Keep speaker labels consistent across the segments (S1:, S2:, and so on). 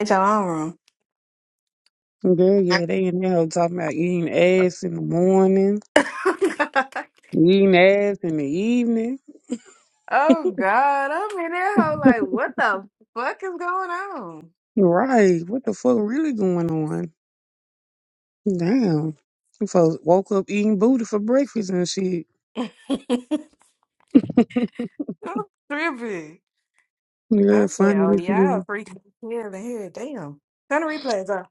S1: Get your own room.
S2: Girl, yeah, they in there talking about eating ass in the morning, eating ass in the evening.
S1: oh God, I'm in there hoe like, what the fuck is going on?
S2: Right. What the fuck really going on? Damn. Them Folks woke up eating booty for breakfast and shit.
S1: I'm tripping. I
S2: Yeah,
S1: said,
S2: funny
S1: oh
S2: as
S1: yeah,
S2: hell.
S1: freaking here and here. Damn. Turn the replays off.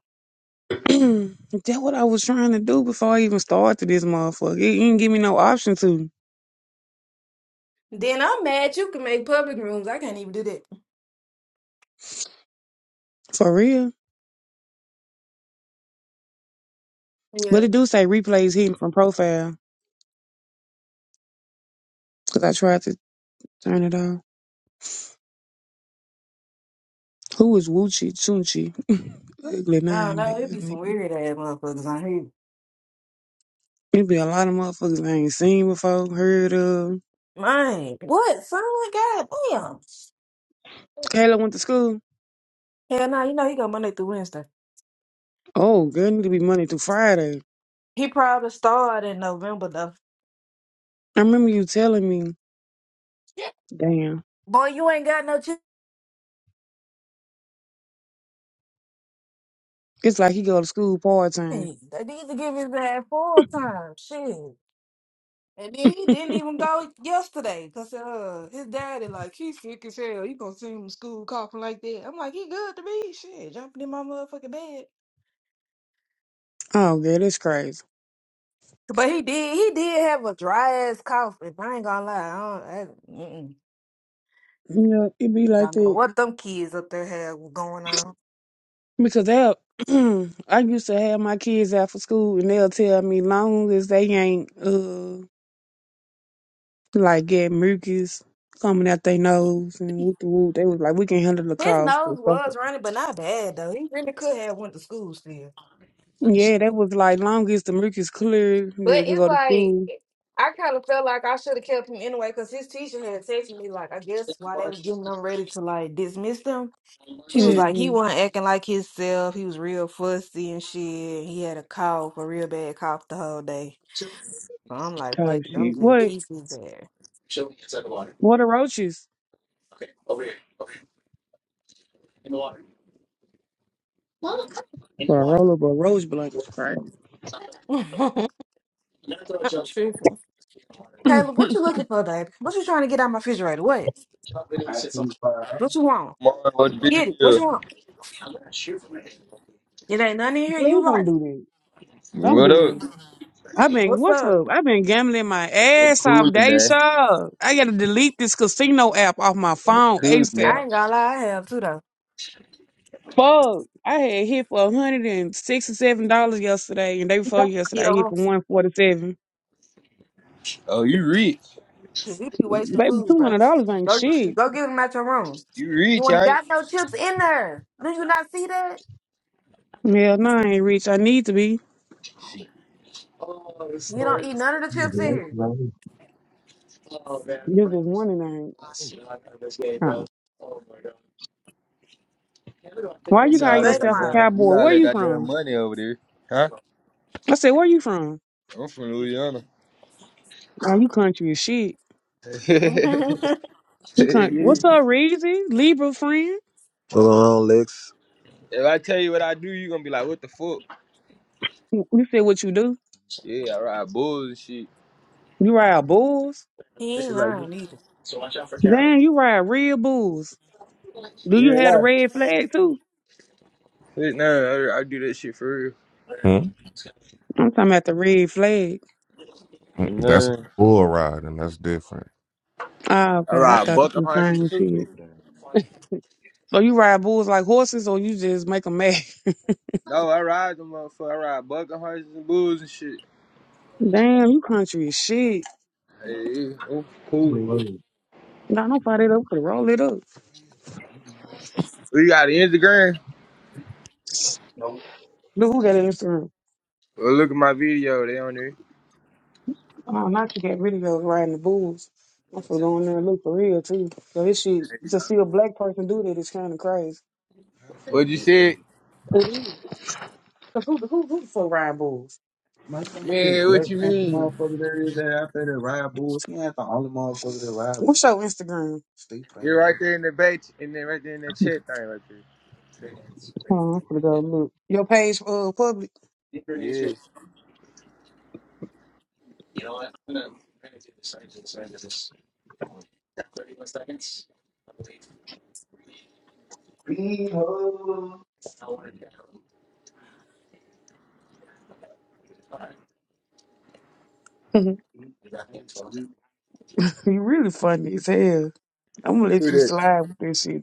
S2: That what I was trying to do before I even started this motherfucker. It didn't give me no option to.
S1: Then I'm mad you can make public rooms. I can't even do that.
S2: For real.
S1: Yeah.
S2: But it do say replays hidden from profile. Cause I tried to turn it off. Who is Woochie Chunchi? Ugly
S1: I don't
S2: name,
S1: know. It'd be
S2: man.
S1: some weird ass motherfuckers on here.
S2: It be a lot of motherfuckers I ain't seen before, heard of.
S1: Mine. What? Son, God damn.
S2: Kayla went to school.
S1: Hell no, you know he go Monday through Wednesday.
S2: Oh, girl, need to be Monday through Friday.
S1: He probably started in November though.
S2: I remember you telling me, damn,
S1: Boy, you ain't got no chance.
S2: it's like he go to school part time.
S1: Hey, They need to give his dad full time. Shit. And then he didn't even go yesterday because uh, his daddy, like, he's sick as hell. He gonna send him to school coughing like that. I'm like, he good to me. Shit, jumping in my motherfucking bed.
S2: Oh, girl, that's crazy.
S1: But he did, he did have a dry ass cough. If I ain't gonna lie, I don't, I, mm-mm.
S2: You know, it be like
S1: don't know
S2: that.
S1: what them kids up there have going on.
S2: Because they'll, I used to have my kids out for school and they'll tell me long as they ain't, uh, like get mucus coming out their nose and whoop the whoop, they was like, we can handle the
S1: His
S2: cough or
S1: nose
S2: stuff
S1: was running, but not bad though. He really could have went to school still.
S2: Yeah, that was like long as the milk is clear,
S1: But
S2: they can
S1: it's
S2: go to
S1: like
S2: school.
S1: I kind of felt like I should have kept him anyway because his teacher had texted me like I guess while they was getting them ready to like dismiss them, she was like he
S2: hmm
S1: wasn't acting like himself. He was real fussy and shit. He had a cough, a real bad cough the whole day. So I'm like,
S2: Type
S1: fuck it, I'm
S2: shit.
S1: just
S2: What?
S1: keep his there.
S2: What are roaches? Well, a roll up a roach blanket. Right.
S1: I'm tripping. Caleb, what you looking for, baby? What you trying to get out my refrigerator? What? What you want?
S3: Mark, what the big
S1: Get it. What you want? It ain't nothing in here
S2: Please
S1: you
S2: don't
S1: like.
S2: do that. Don't
S3: What
S2: do that.
S3: up?
S2: I've been
S1: What's
S2: what's
S1: up?
S2: up? I've been gambling my
S3: I'm
S2: ass off,
S3: coolin' that.
S2: Dayshaw. I gotta delete this casino app off my
S3: I'm
S2: phone
S3: coolin' that.
S1: I
S2: ASAP.
S1: ain't gonna lie, I have too
S2: Fuck! I had hit for hundred and sixty-seven dollars yesterday, and day before yesterday, I hit
S1: though.
S2: for one forty-seven.
S3: Oh, you rich.
S1: Cause you be wasting
S2: Baby,
S1: food,
S2: two
S1: bruh.
S2: hundred dollars ain't
S1: Go,
S2: shit.
S1: go get them out your room.
S3: You rich,
S1: You ain't
S3: right?
S1: got no chips in there. Do you not see that?
S2: Hell, no, I ain't rich. I need to be.
S3: Shit.
S1: You don't eat none of the chips in here.
S2: You just one and I ain't. Oh. Why you
S3: You
S2: call
S3: got
S1: You
S3: all
S1: ate
S3: that
S1: them
S2: yourself a
S1: all.
S3: goddamn, you
S2: cowboy?
S3: got all
S2: Where
S3: that
S2: you
S3: goddamn
S2: from?
S3: money over there. Huh?
S2: I said, where you from?
S3: I'm from Louisiana.
S2: Oh, you country as shit. You country. What's up, Reezy? Libra friend?
S4: What's going on, Lex?
S3: If I tell you what I do, you gonna be like, what the fuck?
S2: You said what you do?
S3: Yeah, I ride bulls and shit.
S2: You ride bulls?
S1: he ain't
S3: Shit like this.
S1: lying either.
S2: Damn, you ride real bulls. Do
S3: You
S2: you
S3: ain't
S2: have the
S3: lying.
S2: red flag too?
S3: Shit, Nah, I, I do that shit for real.
S5: Mm,
S2: I'm talking about the red flag.
S5: mm, That's a
S3: Nah.
S5: bull ride, and that's different.
S2: Ah,
S3: I
S2: okay. I
S3: ride
S2: thought it
S3: bucking
S2: was
S3: horses
S2: the
S3: too.
S2: same shit. So you ride bulls like horses or you just make them mad?
S3: No, I ride them motherfucker. I ride bucking horses and bulls and shit.
S2: Damn, you country as shit.
S3: Hey, yeah, I'm cool.
S2: Nah, don't fire it up. Roll it up.
S3: You got an Instagram?
S2: Look who got an Instagram.
S3: Well, look at my video. They on there.
S2: Oh, not to get rid of those riding the bulls. I'm for going there and look for real too. So this shit
S3: There you
S2: to
S3: go.
S2: see a black person do that is kind of crazy.
S3: What you said?
S2: It is. Cause who who who the fuck ride bulls?
S3: Man, what you mean?
S2: bulls. What's your Instagram?
S3: You're right there in the back, and then right there in that chat thing right there.
S2: Oh, I'm gonna go look. Your page uh public.
S3: Yes.
S2: You really funny as hell. I'm gonna let
S3: Who
S2: you
S3: that?
S2: slide with this shit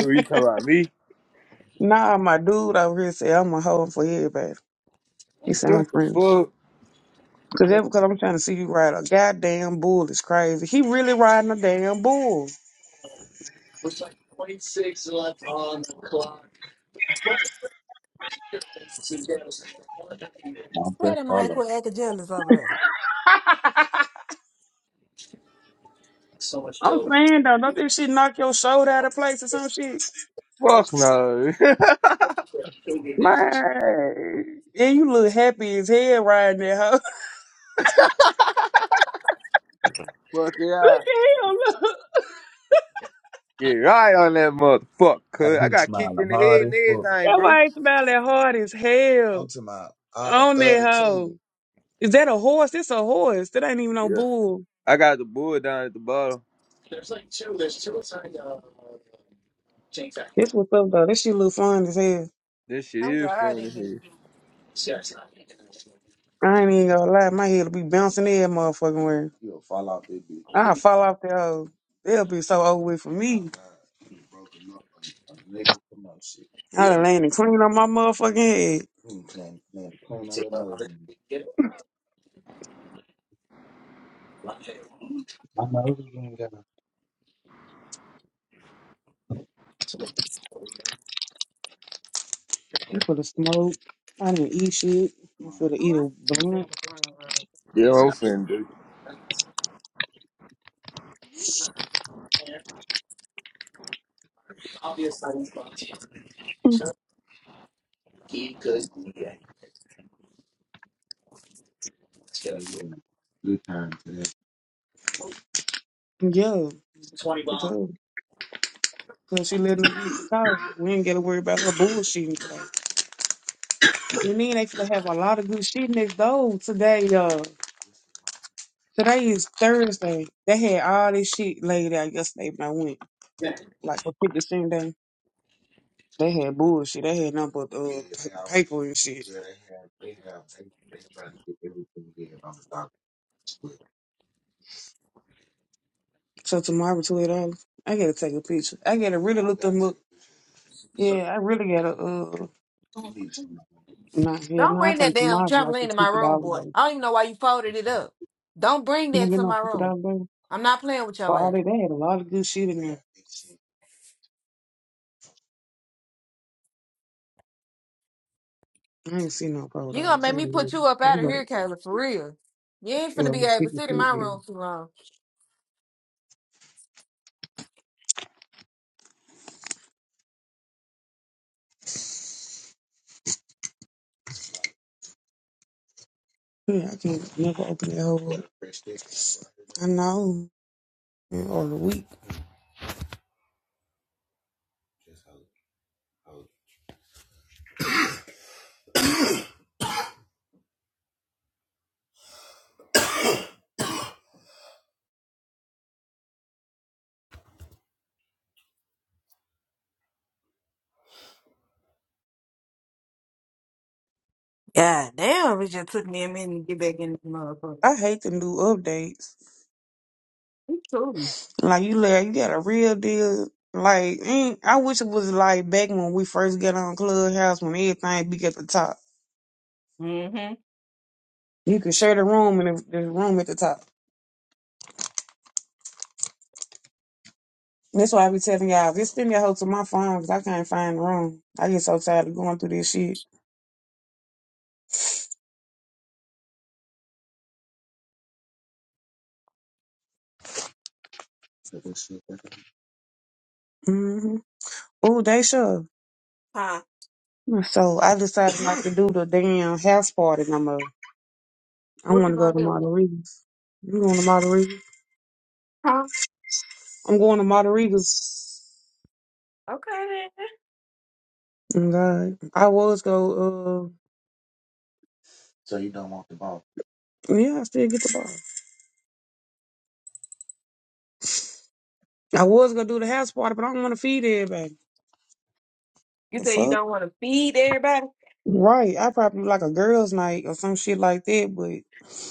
S3: Who you talking about? Me?
S2: nah, my dude over here say I'm a hoe for everybody. He
S3: What
S2: sound
S3: the
S2: friendly.
S3: fuck?
S2: Cause, that, cause I'm trying to see you ride a goddamn bull is crazy. He really riding a damn bull.
S1: Tell them I quit acting jealous over there.
S2: I'm saying though, don't this shit knock your shoulder out of place or some shit?
S3: Fuck no.
S2: Man, and you look happy as hell riding that hoe.
S3: fuck yeah.
S2: look at him, look.
S3: Get right on that motherfucker. Cause I got kicked in the head and everything,
S2: That
S3: bro.
S2: white smelling hard as hell. I'm hell on that hoe. thirty-two. Is that a horse? It's a horse. That ain't even no
S3: Yeah.
S2: bull.
S3: I got the bull down at the bottom.
S2: This what's up though. This shit look fun as hell.
S3: This shit
S1: I'm
S3: is
S1: glad
S3: fun
S1: they
S3: to hear.
S1: didn't.
S2: I ain't even gonna lie, my head'll be bouncing every motherfucking where. I fall off the hoe. They'll be so over with for me. I done landed clean on my motherfucking head. You for the smoke. I didn't eat shit. You for the
S1: Ooh,
S2: eat a
S1: I- ooh,
S2: blunt.
S1: like bruh.
S3: Yeah, I'm finna do.
S2: Yeah, because because she letting me eat talk. We ain't gotta worry about her bullshit and stuff. And then they finna have a lot of good shit next door today. Uh, today is Thursday. They had all this shit laid out yesterday when I went, like for fifty cent day. They had bullshit. They had nothing but uh, p- paper and shit. So tomorrow twenty dollars. I gotta take a picture. I gotta really look them up. Yeah, I really gotta uh nah yeah,
S1: Don't
S2: no, I
S1: bring that
S2: think
S1: damn
S2: tomorrow's like a
S1: trampoline to my
S2: fifty
S1: room,
S2: dollar
S1: boy.
S2: day.
S1: I don't even know why you folded it up. Don't bring
S2: You know,
S1: that
S2: get
S1: to
S2: no
S1: my
S2: fifty
S1: room.
S2: dollar day.
S1: I'm not playing with
S2: For
S1: your ass.
S2: all that they had a lot of good shit in there. I ain't seen no pro
S1: You gonna
S2: dollars. I
S1: make
S2: don't
S1: me
S2: know.
S1: put you up out
S2: You
S1: of
S2: know,
S1: here, Kayla, for real. You ain't
S2: yeah,
S1: finna be able to
S2: fifty
S1: sit in my
S2: cent
S1: room
S2: game.
S1: too long.
S2: Yeah, I can't never open that whole I know. Yeah, Or the week.
S1: God damn, it just took me a minute to get back in this motherfucker.
S2: I hate them new updates.
S1: You true.
S2: Like you, like you got a real deal. Like mm, I wish it was like back when we first got on Clubhouse when everything be at the top.
S1: Mm-hmm.
S2: You could share the room and the, the room at the top. That's why I be telling y'all, just send me a hoe to my phone because I can't find the room. I get so tired of going through this shit. hmm Oh, they sure.
S1: Huh?
S2: So I decided not to do the damn house party no more. I
S1: What
S2: want
S1: you
S2: to go
S1: gonna
S2: to
S1: do?
S2: Margaritas. You going to Margaritas.
S1: Huh?
S2: I'm going to Margaritas.
S1: Okay then.
S2: Oh, God, I was go. uh, Yeah, I still get the ball. I was gonna do the house party, but I don't want to feed everybody.
S1: You
S2: The
S1: say you
S2: fuck?
S1: don't want to feed everybody?
S2: Right. I probably do like a girls' night or some shit like that. But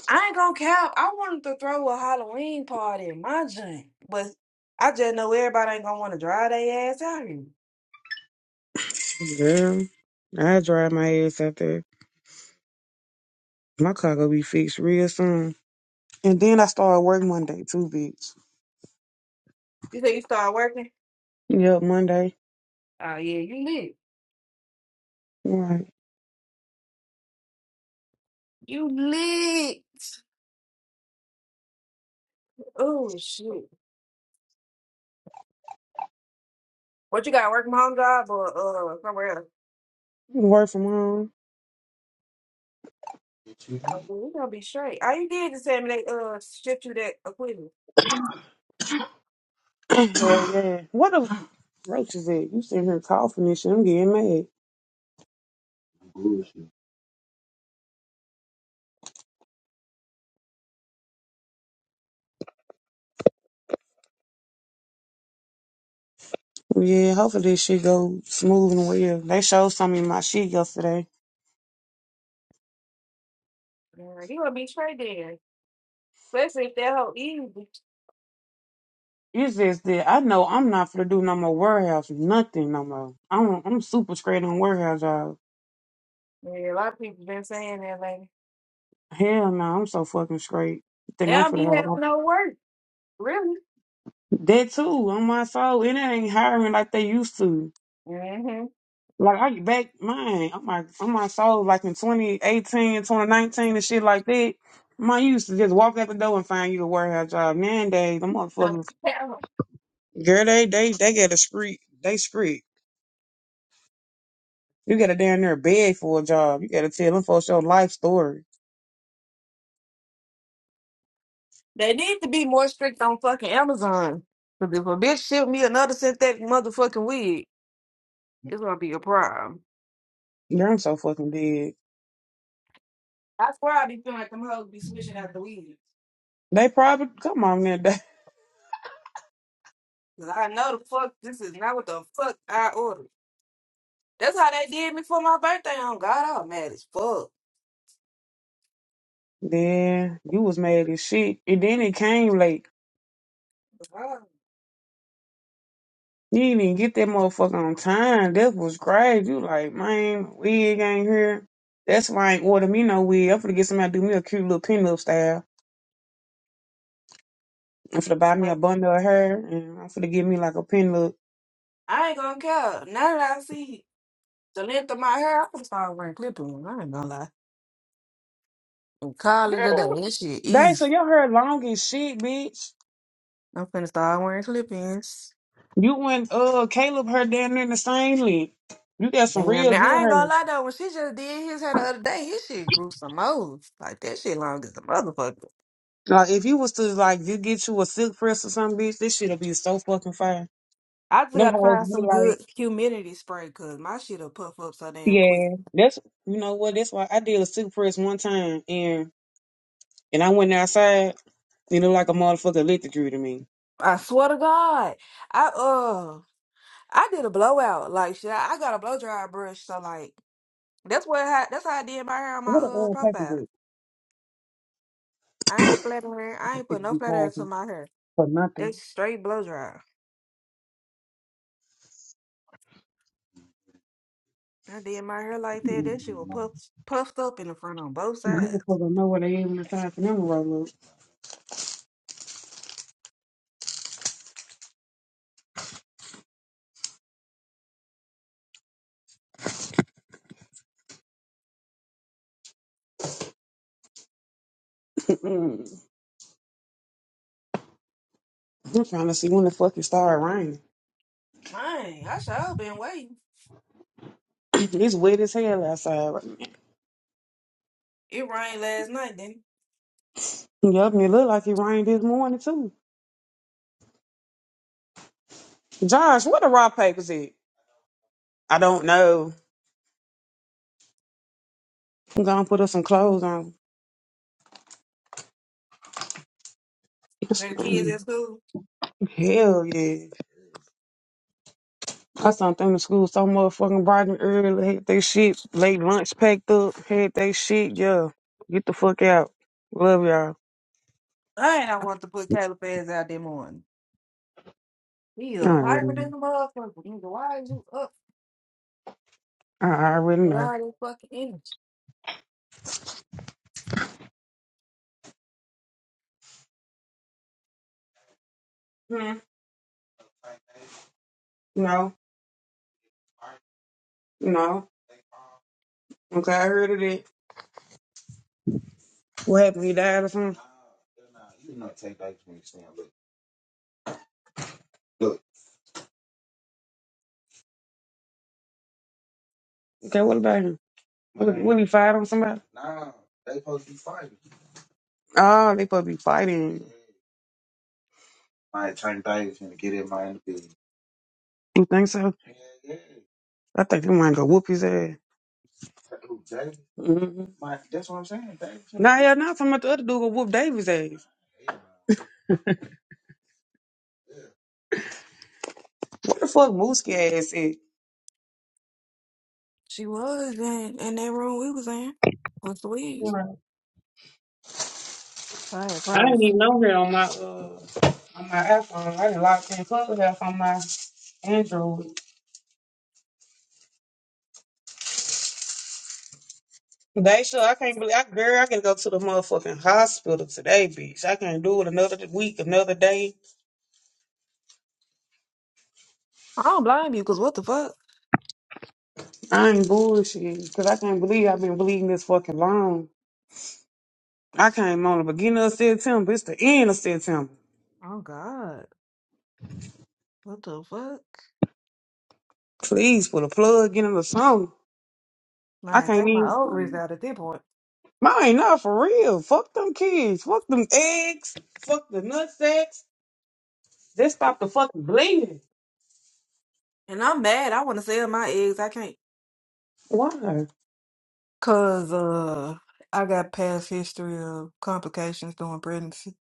S1: I ain't gonna cap. I wanted to throw a Halloween party in my joint, but I just know everybody ain't gonna want to drive their ass out here.
S2: girl, I drive my ass out there. My car gonna be fixed real soon. And then I start work Monday too, bitch.
S1: You say you start working?
S2: Yep, Monday.
S1: Oh yeah, you lit.
S2: Right.
S1: You lit. Oh shit. What you got? Working home job or uh somewhere else?
S2: Work from home.
S1: Oh, well, you gonna be straight. All you did is tell me they uh shipped you that equipment.
S2: Hell yeah. What the roach is it? You sitting here coughing and shit. I'm getting mad. Yeah, hopefully this shit go smooth and well. They showed some in my shit yesterday.
S1: Yeah, you gonna be straight then. Especially if that whole easy.
S2: It's just that I know I'm not gonna do no more warehouse, nothing no more. I'm I'm super straight on warehouse job.
S1: Yeah, a lot of people been saying that lately.
S2: Hell no, I'm so fucking straight. You
S1: They
S2: think I'm
S1: don't
S2: for the
S1: be having
S2: hell?
S1: no work, really.
S2: That too, on my soul, and it ain't hiring like they used to.
S1: Mm-hmm.
S2: Like I back mine, on my on my soul, like in 2018, 2019 and shit like that. Man, you used to just walk out the door and find you a warehouse job. Nowadays, them
S1: No,
S2: motherfuckers,
S1: hell,
S2: girl, they they they got a street, they street. You got to down there beg for a job. You got to tell them folks your life story.
S1: they need to be more strict on fucking Amazon. Because if a bitch ship me another synthetic motherfucking wig, it's gonna be a problem.
S2: Girl, I'm so fucking dead.
S1: I swear I be feeling like them hoes be switching out the wigs.
S2: They probably come on man.
S1: Cause I know the fuck this is not what the fuck I ordered. That's how they did me for my birthday. On God, I was mad as fuck.
S2: They, then you was mad as shit, and then it came late.
S1: Oh.
S2: You didn't even get that motherfucker on time. That was great. You like, man, my wig ain't here. That's why I ain't order me no wig. I'm finna get somebody to do me a cute little pin up style. I'm finna buy me a
S1: Like,
S2: bundle of hair, and I'm finna give me like a pin look.
S1: I ain't gonna care. Now that I see the length of my hair, I'm gonna start wearing clip-ins. I ain't gonna lie. And call it a
S2: Girl,
S1: day. That shit
S2: Dang,
S1: easy.
S2: so your hair long as shit, bitch.
S1: I'm finna start wearing clip-ins.
S2: You and uh Caleb hair down there in the same length. You got some
S1: Damn,
S2: real
S1: now
S2: good
S1: I ain't
S2: hair.
S1: gonna lie though. When she just did his hair the other day, his shit grew some moles. Like that shit long as a motherfucker.
S2: Like, if you was to like, you get you a silk press or something, bitch, this shit'll be so fucking fire.
S1: I just
S2: Them
S1: gotta
S2: hoes
S1: find
S2: be
S1: some good
S2: like,
S1: humidity spray because my shit'll puff up so damn quick.
S2: yeah, that's you know what? That's why I did a silk press one time, and and I went outside. It looked like a motherfucker electric drew to me.
S1: I swear to God, I uh. I did a blowout. Like shit, I I got a blow dryer brush. So like that's what I, that's how I did my hair on my
S2: What the
S1: uh
S2: old paper is
S1: profile.
S2: It
S1: I ain't flattering.
S2: That's a
S1: I ain't put
S2: fifty
S1: no flatter
S2: thousand
S1: into my hair.
S2: for nothing.
S1: That's straight blow dryer. I did my hair like that. That shit was puffed puffed up in the front on both
S2: You
S1: sides.
S2: Motherfucker know where they is when it's time for them to roll up. I'm trying to see when the fuck it started raining.
S1: Man, I sure have been waiting.
S2: it's wet as hell outside right now.
S1: It rained last night, didn't it?
S2: Yup, and it look like it rained this morning too. Josh, where the raw papers at? I don't know. I'm gonna put us some clothes on. Yes,
S1: When the kids
S2: ma'am.
S1: at school.
S2: Hell yeah. I sent them to school so motherfucking bright and early. Had they shit late lunch packed up. Had they shit, yeah. Get the fuck out. Love y'all.
S1: I ain't I want to put Caleb Faz out there morning. He
S2: I
S1: a
S2: already
S1: pirate in
S2: know.
S1: the motherfucker. Nigga, Why is you up
S2: I already
S1: with
S2: know.
S1: all this fucking energy?
S2: Hmm. No. No. Okay, I heard of it. What happened? He died or something? Okay, what about him? What, what he fight on somebody? Oh, they probably be fighting. You think so? I think they might go whoop his ass. Mm-hmm. Nah, yeah, not talking about the other dude who whooped Davis ass. What the fuck Mooski ass is?
S1: She was in, in that room we was in with Louise.
S2: Right.
S1: I had
S2: I
S1: probably.
S2: didn't even know her on my uh on my iPhone. I didn't lock in Clubhouse on my Android. Daisha, I can't believe I girl, I gotta go to the motherfucking hospital today, bitch. I can't do it another week, another day.
S1: I don't blame you, cause what the fuck?
S2: I ain't bullshit. Cause I can't believe I've been bleeding this fucking long. I came on the beginning of September. It's the end of September.
S1: Oh God, what the fuck?
S2: Please put a plug in the song. I
S1: Man,
S2: can't
S1: take my ovaries
S2: even.
S1: out at this point.
S2: Mine, not for real. Fuck them kids. Fuck them eggs. Fuck the nut sacks. Just stop the fucking bleeding.
S1: And I'm mad. I want to sell my eggs. I can't.
S2: Why?
S1: Cause uh, I got past history of complications during pregnancy.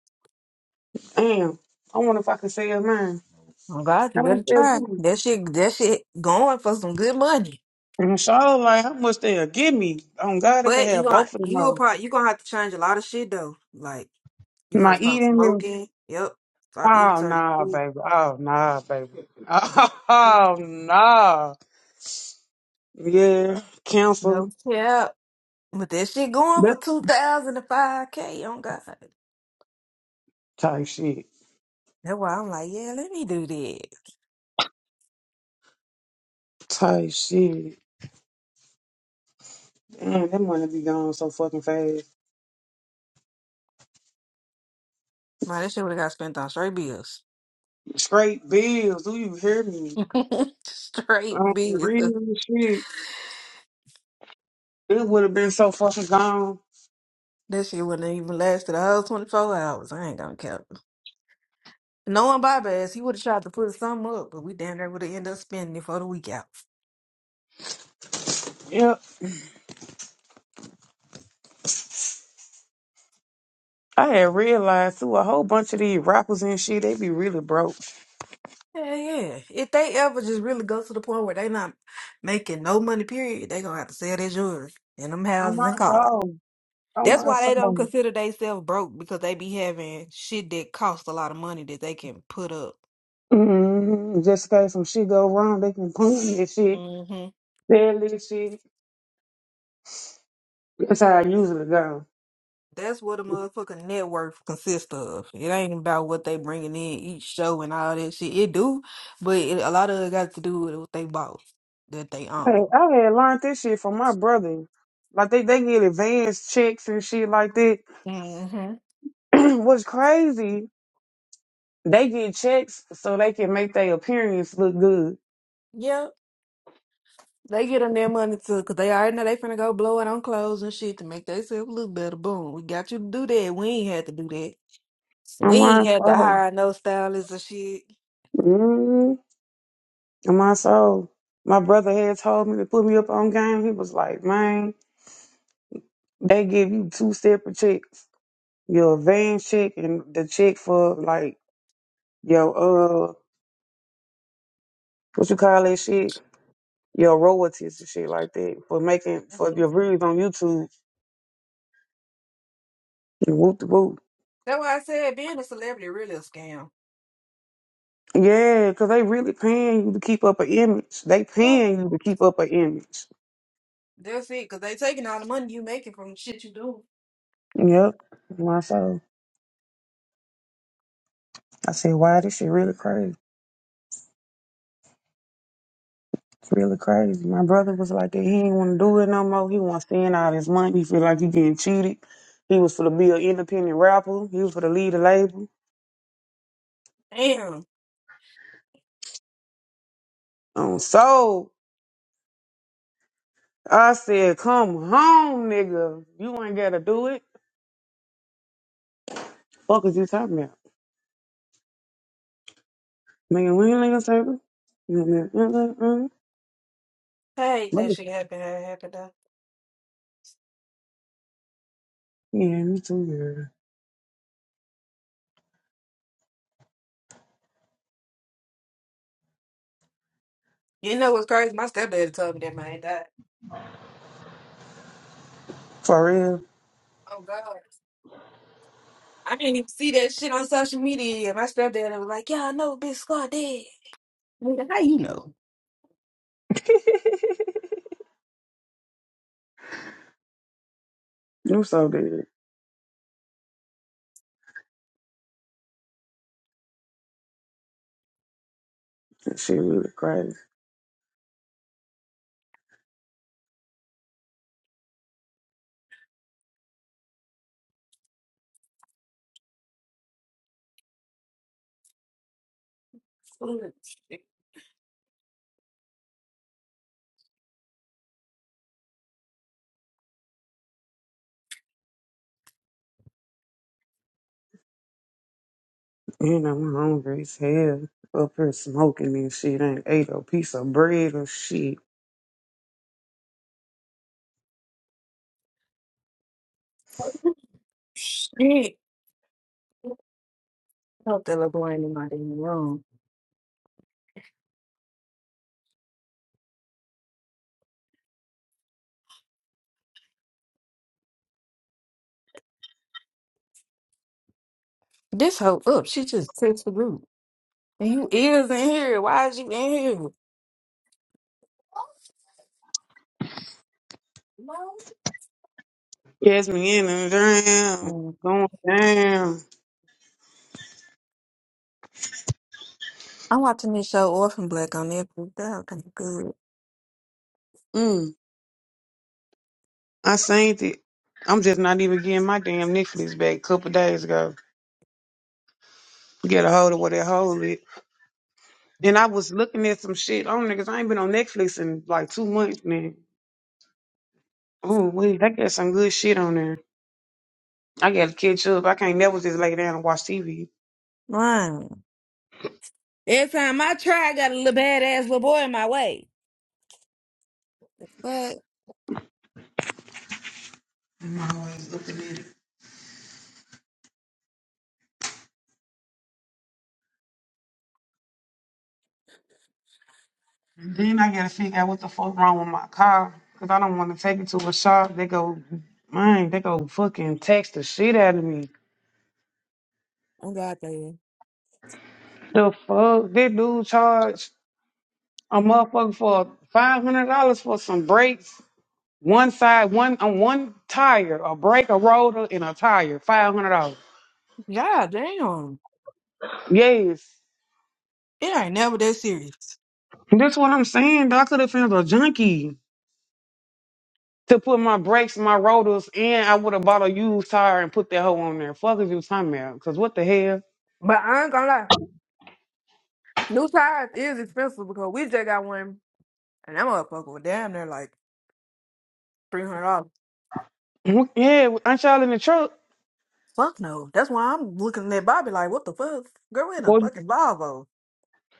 S2: Damn. I wonder if I can sell mine.
S1: Oh God, you
S2: How much
S1: better
S2: they'll
S1: try.
S2: give me?
S1: That shit, that shit going for some good money.
S2: And so like how much they'll give me. Oh God, they can
S1: But
S2: have
S1: you gonna,
S2: both of them.
S1: you'll
S2: all.
S1: probably, you gonna have to change a lot of shit though. Like you gonna have
S2: My
S1: to stop
S2: eating and
S1: smoking. Yep. Stop eating
S2: oh
S1: certain
S2: nah,
S1: foods.
S2: baby. Oh nah, baby.
S1: Mm-hmm.
S2: Oh nah. Yeah, cancel.
S1: No cap. But that shit going for
S2: That
S1: 2005K on God.
S2: type shit.
S1: That's why I'm like, yeah, let me do that.
S2: Type shit. Damn, that money be gone so fucking fast.
S1: Man, that shit would have got spent on straight bills.
S2: Straight bills, do you hear me?
S1: straight
S2: Uh, for
S1: bills.
S2: real shit. It would have been so fucking gone.
S1: That shit wouldn't have even lasted a whole 24 hours. I ain't gonna count. Knowing Bob ass, he would have tried to put some up, but we damn near would have ended up spending it for the week out.
S2: Yep. I had realized too a whole bunch of these rappers and shit, they be really broke.
S1: Yeah, yeah. If they ever just really go to the point where they not making no money, period, they gonna have to sell their jewelry and them
S2: On
S1: houses
S2: my
S1: and cars.
S2: phone. On
S1: That's
S2: my
S1: why they don't
S2: phone.
S1: consider themselves broke because they be having shit that costs a lot of money that they can put up.
S2: Mm-hmm. Just in case some shit go wrong, they can punch me and shit.
S1: hmm
S2: Sell this shit. That's how I usually go.
S1: That's what a motherfucking net worth consists of. It ain't about what they bringing in each show and all that shit. It do, but it, a lot of it got to do with what they bought that they
S2: Hey,
S1: own.
S2: I had learned this shit from my brother. Like they, they get advance checks and shit like that.
S1: hmm
S2: What's crazy They get checks so they can make their appearance look good.
S1: Yeah, they get on their money too because they already know they finna go blow it on clothes and shit to make themselves look better. Boom, we got you to do that. We ain't had to do that. We
S2: On my
S1: ain't had to
S2: soul.
S1: hire no stylists or shit.
S2: mm On my soul. My brother had told me to put me up on game. He was like, man, they give you two separate checks. Your advance check and the check for like your uh what you call that shit? Your royalties and shit like that for making for your views on YouTube. And Whoop the whoop.
S1: That's why I said being a celebrity really a scam.
S2: Yeah, because they really paying you to keep up an image. They
S1: Well,
S2: paying you to keep up an image.
S1: that's it, because they taking all the money you making from the shit you doing.
S2: Yep, myself. I said, wow, this shit really crazy. It's really crazy. My brother was like that. He ain't want to do it no more. He want to spend all his money. He feel like he getting cheated. He was for to be an independent rapper. He was for to lead a label.
S1: Damn.
S2: Um, so I said, come home, nigga. You ain't got to do it. Fuck is you talking about? Nigga, we ain't nigga serving. You know what I mean? Mm, mm,
S1: I hate that
S2: mm.
S1: shit happen. How it happened though.
S2: Yeah, me too, yeah.
S1: You know what's crazy? My stepdad told me that man died.
S2: For real.
S1: Oh God. I didn't even see that shit on social media. yet. My stepdad was like, "Yeah, I know, Big Scar dead." Nigga, How you know?
S2: You so dead. That shit really crazy.
S1: Fuck.
S2: And I'm hungry as hell. Up here smoking and shit. Ain't ate a piece of bread or shit.
S1: Shit. I Hope that little boy ain't in my damn room. This hoe up. She just text the group. And you is in here. Why is you in here?
S2: Yes, me in and down.
S1: No.
S2: Going down.
S1: I'm watching this show Orphan Black on Netflix. That kind of good.
S2: Mm, I seen it. I'm just not even getting my damn Netflix back a couple days ago. Get a hold of what that hold it. And I was looking at some shit on there 'cause I ain't been on Netflix in like two months now. Oh, wait, they got some good shit on there. I gotta catch up. I can't never just lay down and watch TV.
S1: Right. Every time I try, I got a little badass little boy in my way. But
S2: I'm always looking at it. And Then I gotta figure out what the fuck wrong with my car, cause I don't want to take it to a shop. They go, man, they go fucking text the shit out of me.
S1: I'm God damn.
S2: The fuck, this dude charged a motherfucker for five hundred dollars for some brakes, one side, one on one tire, a brake, a rotor, and a tire, five hundred dollars.
S1: God damn.
S2: Yes,
S1: It ain't never that serious.
S2: that's what I'm saying. I could have found a junkie to put my brakes, my rotors, and I would have bought a used tire and put that hoe on there. Fuck is you talking about? Cause what the hell?
S1: But I ain't gonna lie, new tires is expensive because we just got one, and that motherfucker was damn near like three hundred dollars.
S2: Yeah, aren't y'all in the truck?
S1: Fuck no. That's why I'm looking at Bobby like, what the fuck? Girl, we in a
S2: Well,
S1: fucking Volvo.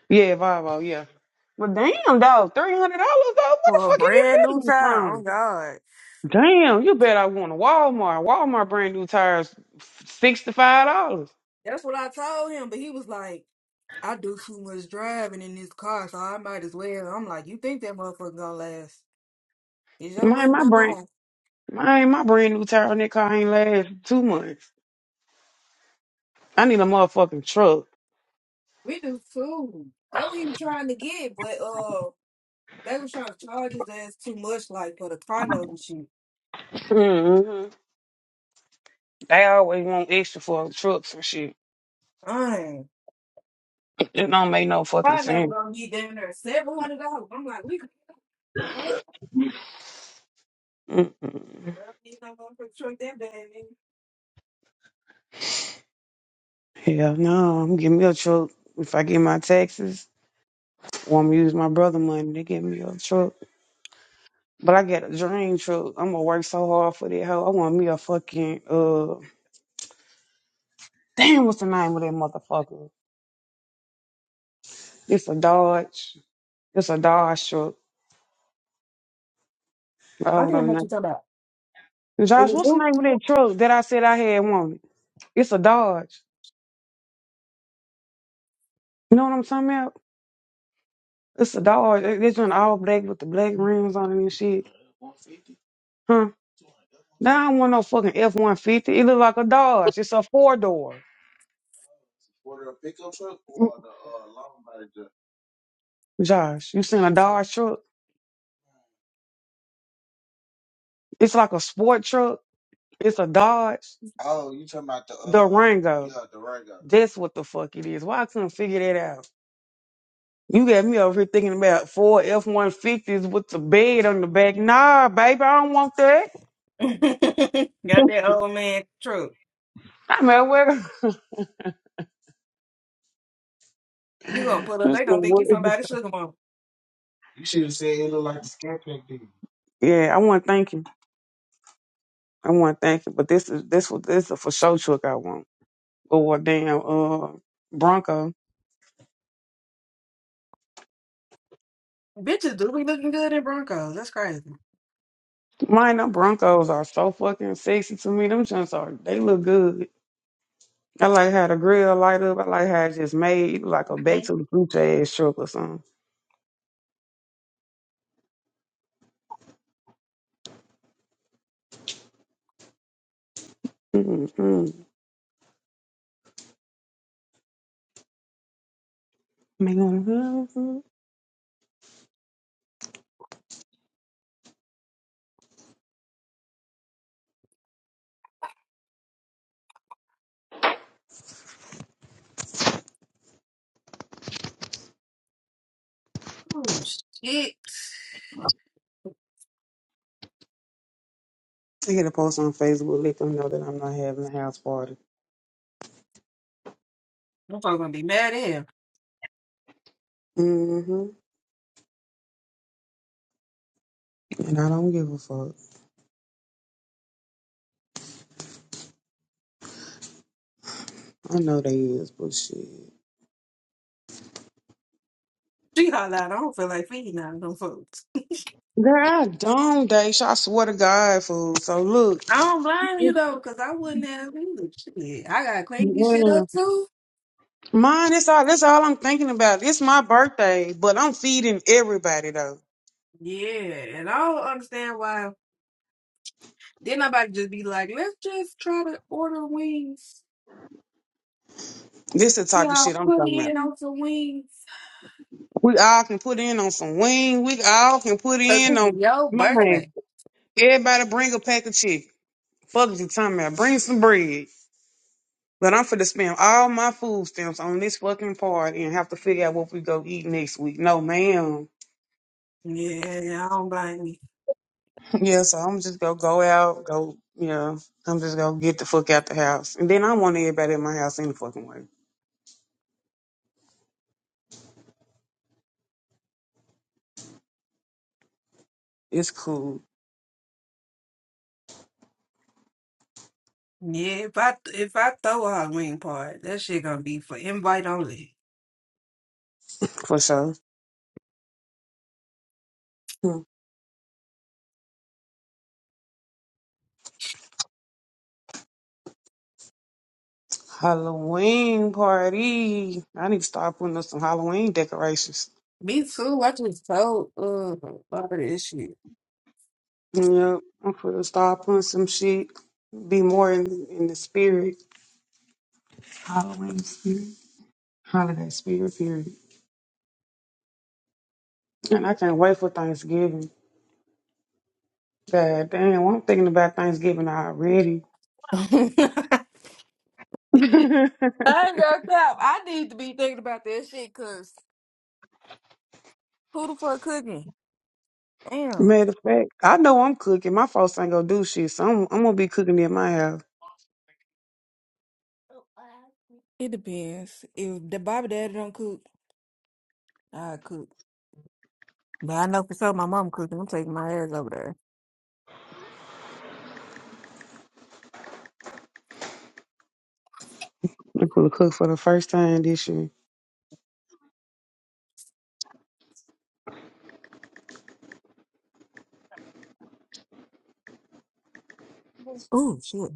S2: yeah, Volvo, yeah. But damn, dog, three hundred dollars, dog. Where the
S1: For a
S2: fuck you get
S1: brand
S2: that
S1: new
S2: money
S1: tire, oh
S2: from?
S1: god.
S2: Damn, you bet I want a Walmart. Walmart brand new tires, sixty five dollars.
S1: That's what I told him, but he was like, I do too much driving in this car, so I might as well. I'm like, you think that motherfucker gonna last? Is your
S2: My
S1: money
S2: my
S1: not
S2: brand,
S1: long?
S2: my my brand new tire on that car ain't last two months. I need a motherfucking truck.
S1: We do too. That what he was trying to get, but uh, they was trying to charge his ass too much, like for the car note and shit.
S2: hmm They always want extra for trucks and shit.
S1: Fine,
S2: It don't make no fucking
S1: car note
S2: sense.
S1: gonna be down there seven hundred dollars. I'm like, we the fuck? Well,
S2: Mm-mm.
S1: you not gonna truck that bad nigga.
S2: Hell no, I'm getting me a truck if I get my taxes. Want me to use my brother money to get me a truck. But I got a dream truck. I'm gonna work so hard for that hoe. I want me a fucking uh damn what's the name of that motherfucker? It's a Dodge. It's a Dodge truck. I
S1: I
S2: don't know the name. Josh,
S1: think it's
S2: what's the
S1: you.
S2: name of that truck that I said I had wanted? It's a Dodge. You know what I'm talking about? It's a Dodge. It- It's an all black with the black rims on it and shit. Huh? Now I don't want no fucking F one fifty. It look like a Dodge. It's a four door. Josh, you seen a Dodge truck? It's like a sport truck. It's a Dodge. The Rango. That's what the fuck it is. Why I couldn't figure that out? You got me over here thinking about four F one fifties with the bed on the back. Nah, baby, I don't want that.
S1: Got that old man truck.
S2: I mean, well,
S1: You gonna
S2: this
S1: pull up?
S2: is
S1: They gonna think you
S2: what- is it?
S1: somebody sugar
S2: yeah, I want to thank you. I want to thank you, but this is this was this a for show truck I want or a damn uh Bronco.
S1: Bitches do be looking good in Broncos. That's crazy.
S2: Mine, them Broncos are so fucking sexy to me. Them joints are, they look good. I like how the grill light up. I like how it just made like a back to the future ass truck or something. Mm-mm. Make one-
S1: Oh shit.
S2: I get a post on Facebook, let them know that I'm not having a house party.
S1: Them folks gonna be mad at him.
S2: hmm And I don't give a fuck. I know they is, but shit.
S1: She holla out. I don't feel like feeding out of them folks.
S2: Girl, I don't, Daisha. I swear to God, fool. So look,
S1: I don't blame
S2: yeah.
S1: you though, because I wouldn't have either. Shit. I gotta clean this shit up too.
S2: mine. That's all. That's all I'm thinking about. It's my birthday, but I'm feeding everybody though.
S1: Yeah, and I don't understand why did nobody just be like, let's just try to order wings.
S2: This the type of shit
S1: Y'all
S2: I'm
S1: put
S2: talking about.
S1: in on some wings.
S2: We all can put in on some wing. We all can put
S1: Cause
S2: in
S1: this is
S2: on
S1: your
S2: mine.
S1: birthday.
S2: Everybody bring a pack of chicken. Fuck is you talking about. Bring some bread. But I'm finna spend all my food stamps on this fucking party and have to figure out what we go eat next week. No, ma'am.
S1: Yeah, I don't blame you.
S2: Yeah, so I'm just gonna go out, go, you know, I'm just gonna get the fuck out the house. And then I want everybody in my house in the fucking way. It's cool,
S1: Yeah, if I if I throw a wing part, that shit gonna be for invite only.
S2: for sure. Halloween party. I need to start putting up some Halloween decorations.
S1: Me too. I just told uh about this shit.
S2: Yep, I'm gonna start putting some shit. Be more in, in the spirit, Halloween spirit, holiday spirit, period. And I can't wait for Thanksgiving. God damn, I'm thinking about Thanksgiving already.
S1: I
S2: Matter
S1: ain't gonna cap. I need to be thinking about that shit because who the fuck cooking? Damn.
S2: of fact, I know I'm cooking. My folks ain't gonna do shit, so I'm, I'm gonna be cooking in my house.
S1: It depends. If the Bobby Daddy don't cook, I cook. But I know for sure my mom cooking. I'm taking my ass over there.
S2: I'm gonna cook for the first time this year.
S1: Oh shit,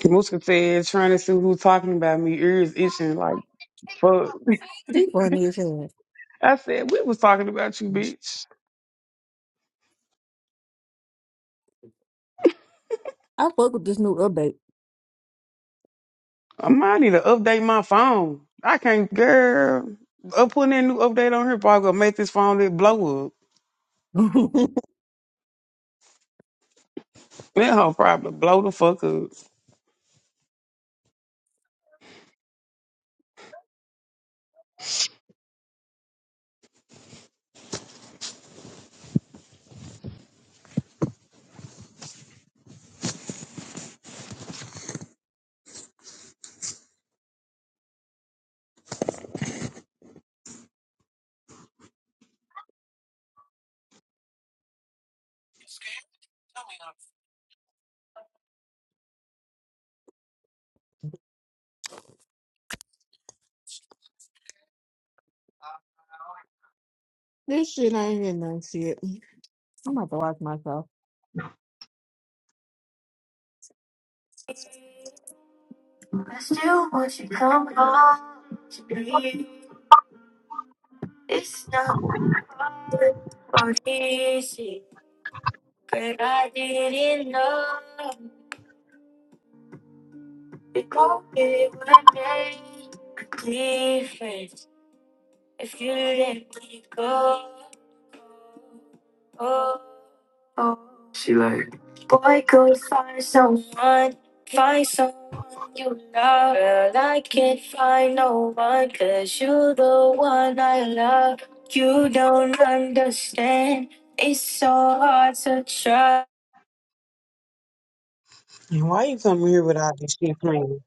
S2: Muska said, trying to see who's talking about me, ears itching like fuck.
S1: she funny as hell.
S2: I said, we was talking about you, bitch.
S1: I fuck with this new update.
S2: I might need to update my phone. I can't, girl. I'm putting that new update on here probably gonna make this phone that blow up. That whole probably blow the fuck up.
S1: this shit I ain't in no shit. I'm about to watch myself.
S6: I still want you to come home to me. It's not hard or easy, but I didn't know it could be what made a difference. If you let me go, oh, oh. She like, boy, go find someone, find someone you love. Girl, I can't find no one, 'cause you're the one I love. You don't understand, it's so hard to try.
S2: And why you come here with all this shit playing?